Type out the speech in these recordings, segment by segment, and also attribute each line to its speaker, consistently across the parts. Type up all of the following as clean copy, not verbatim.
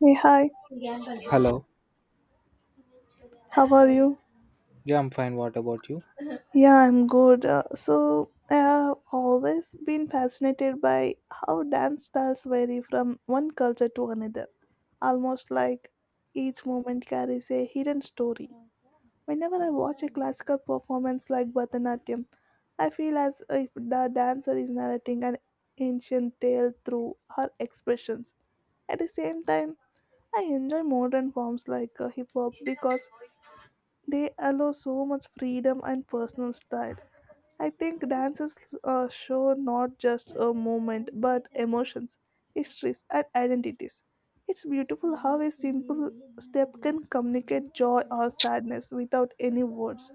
Speaker 1: Hey, hi,
Speaker 2: Hello.
Speaker 1: how are you?
Speaker 2: Yeah, I'm fine. What about you?
Speaker 1: Yeah, I'm good. So I have always been fascinated by how dance styles vary from one culture to another, almost like each moment carries a hidden story. Whenever I watch a classical performance like Bharatanatyam, I feel as if the dancer is narrating an ancient tale through her expressions. At the same time, I enjoy modern forms like hip hop because they allow so much freedom and personal style. I think dances show not just a movement but emotions, histories, and identities. It's beautiful how a simple step can communicate joy or sadness without any words.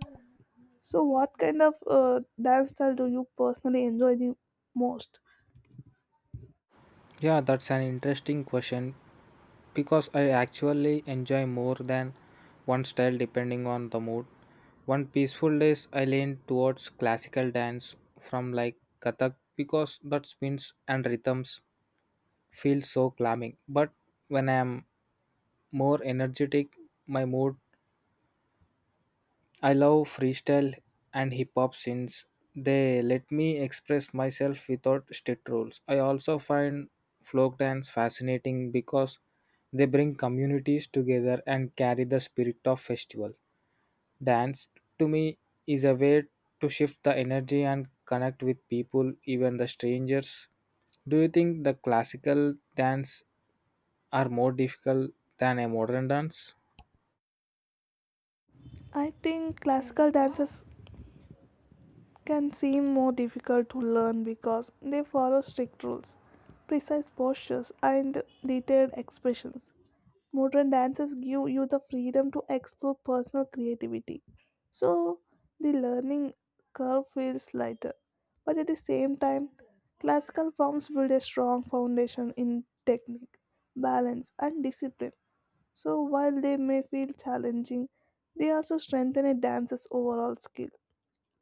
Speaker 1: So, what kind of dance style do you personally enjoy the most?
Speaker 2: Yeah, that's an interesting question because I actually enjoy more than one style depending on the mood. One peaceful days I lean towards classical dance from like Kathak because that spins and rhythms feel so calming. But when I'm more energetic, my mood I love freestyle and hip hop since they let me express myself without strict rules. I also find folk dance fascinating because they bring communities together and carry the spirit of festival. Dance to me is a way to shift the energy and connect with people, even the strangers. Do you think the classical dance are more difficult than a modern dance?
Speaker 1: I think classical dances can seem more difficult to learn because they follow strict rules, precise postures, and detailed expressions. Modern dances give you the freedom to explore personal creativity, so the learning curve feels lighter. But at the same time, classical forms build a strong foundation in technique, balance, and discipline. So while they may feel challenging, they also strengthen a dancer's overall skill.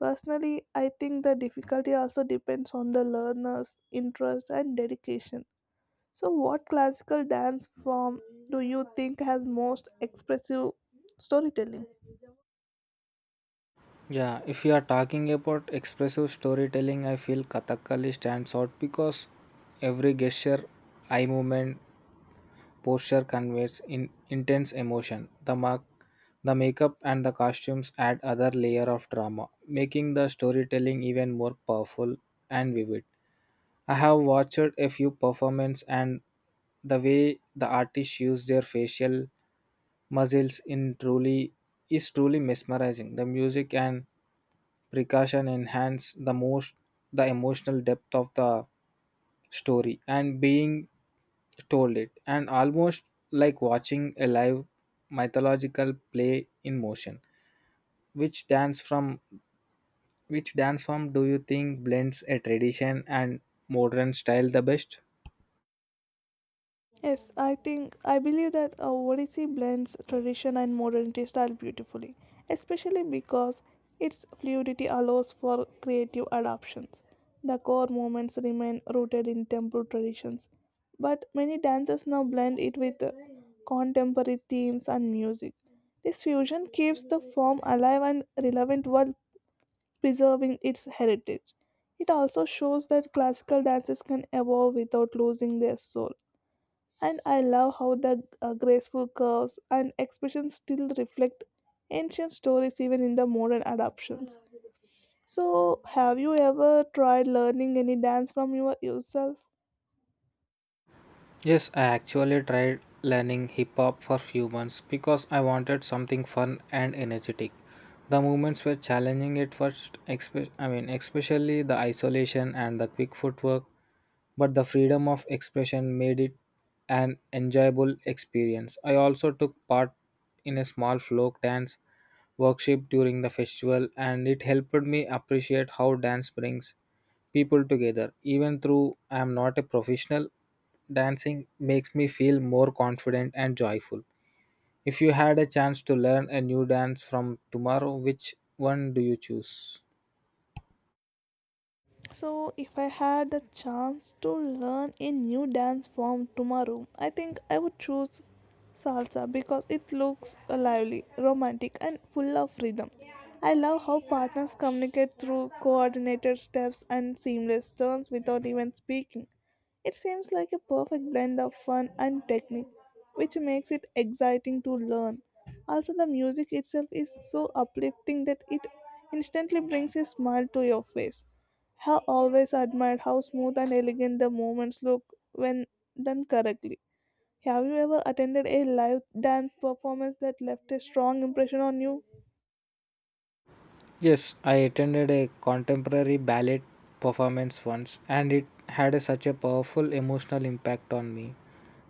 Speaker 1: Personally, I think the difficulty also depends on the learner's interest and dedication. So, what classical dance form do you think has most expressive storytelling?
Speaker 2: Yeah, if you are talking about expressive storytelling, I feel Kathakali stands out because every gesture, eye movement, posture conveys in intense emotion. The mark, the makeup and the costumes add other layer of drama, making the storytelling even more powerful and vivid. I have watched a few performances and the way the artists use their facial muscles in truly is truly mesmerizing. The music and precaution enhance the emotional depth of the story and being told it, and almost like watching a live mythological play in motion. Which dance from which dance form do you think blends a tradition and modern style the best?
Speaker 1: Yes, I think I believe that Odissi blends tradition and modernity style beautifully, especially because its fluidity allows for creative adaptations. The core movements remain rooted in temple traditions, but many dances now blend it with contemporary themes and music. This fusion keeps the form alive and relevant while preserving its heritage. It also shows that classical dances can evolve without losing their soul, and I love how the graceful curves and expressions still reflect ancient stories even in the modern adaptations. So, have you ever tried learning any dance from yourself?
Speaker 2: Yes, I actually tried learning hip hop for few months because I wanted something fun and energetic. The movements were challenging at first, especially the isolation and the quick footwork but the freedom of expression made it an enjoyable experience. I also took part in a small folk dance workshop during the festival, and it helped me appreciate how dance brings people together. Even though I am not a professional, dancing makes me feel more confident and joyful. If you had a chance to learn a new dance from tomorrow, which one do you choose?
Speaker 1: So, if I had the chance to learn a new dance form tomorrow, I think I would choose salsa because it looks lively, romantic, and full of rhythm. I love how partners communicate through coordinated steps and seamless turns without even speaking. It seems like a perfect blend of fun and technique, which makes it exciting to learn. Also, the music itself is so uplifting that it instantly brings a smile to your face. Have always admired how smooth and elegant the movements look when done correctly. Have you ever attended a live dance performance that left a strong impression on you?
Speaker 2: Yes, I attended a contemporary ballet performance once and it such a powerful emotional impact on me.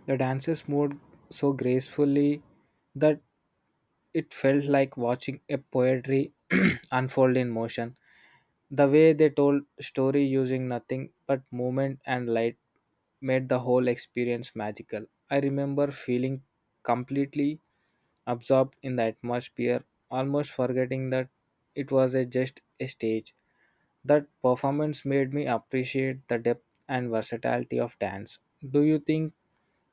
Speaker 2: The dancers moved so gracefully that it felt like watching a poetry unfold in motion. The way they told story using nothing but movement and light made the whole experience magical. I remember feeling completely absorbed in the atmosphere, almost forgetting that just a stage. That performance made me appreciate the depth and versatility of dance. Do you think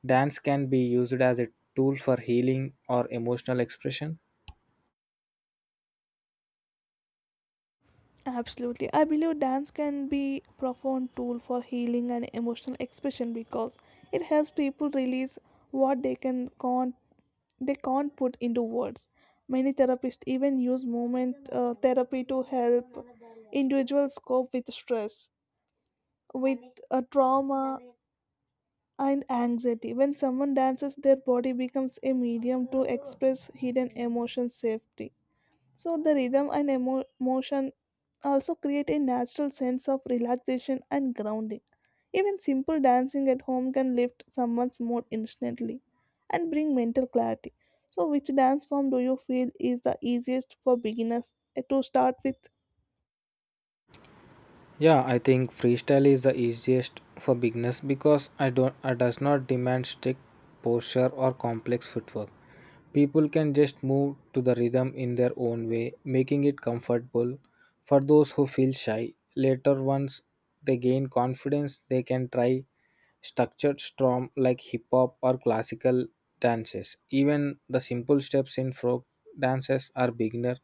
Speaker 2: dance can be used as a tool for healing or emotional expression?
Speaker 1: Absolutely. I believe dance can be a profound tool for healing and emotional expression because it helps people release what they can't put into words. Many therapists even use movement therapy to help individuals cope with stress, with trauma, and anxiety. When someone dances, their body becomes a medium to express hidden emotion safely. So the rhythm and emotion also create a natural sense of relaxation and grounding. Even simple dancing at home can lift someone's mood instantly and bring mental clarity. So which dance form do you feel is the easiest for beginners to start with?
Speaker 2: Yeah, I think freestyle is the easiest for beginners because I does not demand strict posture or complex footwork. People can just move to the rhythm in their own way, making it comfortable for those who feel shy. Later once they gain confidence, they can try structured storm like hip hop or classical dances. Even the simple steps in folk dances are beginner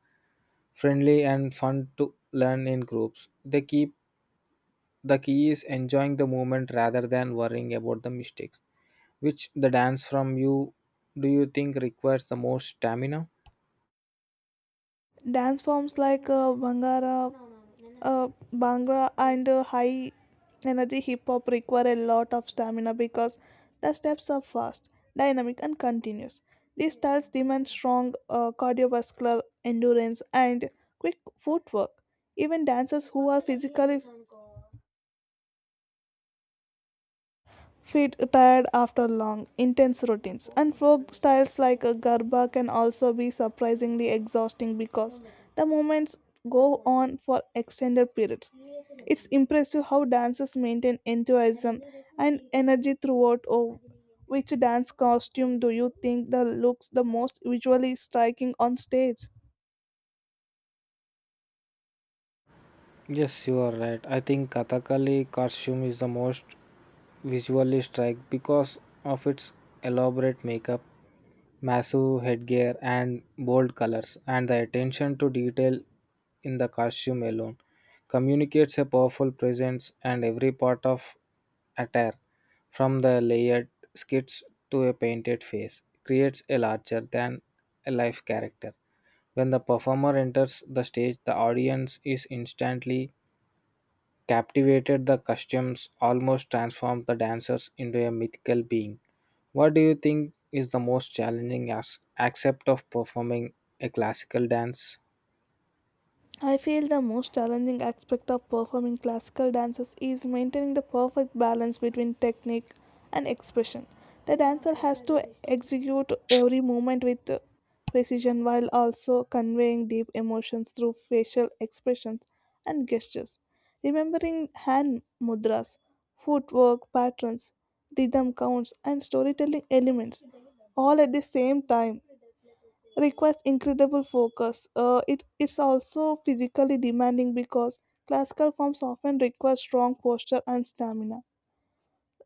Speaker 2: friendly and fun to learn in groups. The key is enjoying the moment rather than worrying about the mistakes. Which the dance from you do you think requires the most stamina?
Speaker 1: Dance forms like Bhangra and high energy hip hop require a lot of stamina because the steps are fast, dynamic, and continuous. These styles demand strong cardiovascular endurance and quick footwork. Even dancers who are physically feet tired after long, intense routines. And folk styles like a garba can also be surprisingly exhausting because the movements go on for extended periods. It's impressive how dancers maintain enthusiasm and energy throughout. Oh, which dance costume do you think that looks the most visually striking on stage?
Speaker 2: Yes, you are right. I think Kathakali costume is the most visually strike because of its elaborate makeup, massive headgear, and bold colors, and the attention to detail in the costume alone communicates a powerful presence and every part of attire, from the layered skits to a painted face, creates a larger than a life character. When the performer enters the stage, the audience is instantly captivated the costumes, almost transformed the dancers into a mythical being. What do you think is the most challenging aspect of performing a classical dance?
Speaker 1: I feel the most challenging aspect of performing classical dances is maintaining the perfect balance between technique and expression. The dancer has to execute every movement with precision while also conveying deep emotions through facial expressions and gestures. Remembering hand mudras, footwork patterns, rhythm counts, and storytelling elements all at the same time requires incredible focus. It's also physically demanding because classical forms often require strong posture and stamina.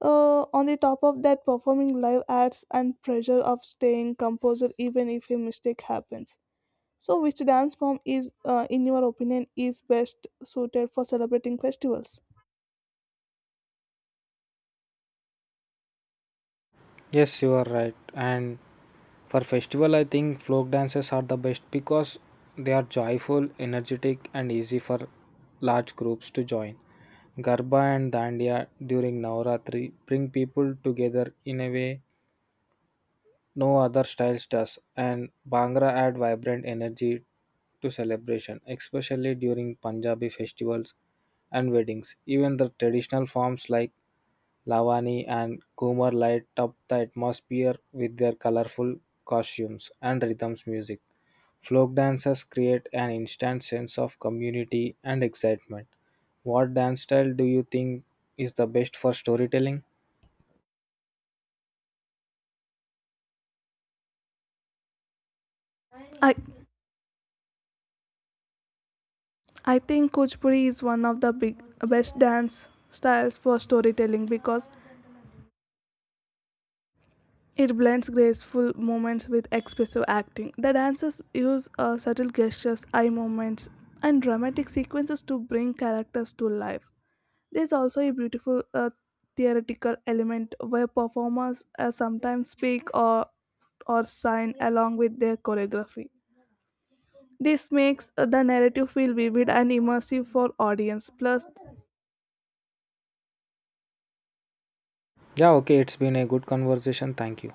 Speaker 1: On the top of that, performing live adds and pressure of staying composed even if a mistake happens. So, which dance form is, in your opinion, is best suited for celebrating festivals?
Speaker 2: Yes, you are right. And for festival, I think folk dances are the best because they are joyful, energetic, and easy for large groups to join. Garba and Dandiya during Navaratri bring people together in a way no other styles does, and Bhangra add vibrant energy to celebration, especially during Punjabi festivals and weddings. Even the traditional forms like Lavani and Kumar light up the atmosphere with their colorful costumes and rhythms music. Folk dances create an instant sense of community and excitement. What dance style do you think is the best for storytelling?
Speaker 1: I I think Kuchipudi is one of the big best dance styles for storytelling because it blends graceful movements with expressive acting. The dancers use subtle gestures, eye movements, and dramatic sequences to bring characters to life. There's also a beautiful theoretical element where performers sometimes speak or sign along with their choreography. This makes the narrative feel vivid and immersive for audience. Plus,
Speaker 2: Yeah, okay, it's been a good conversation. Thank you.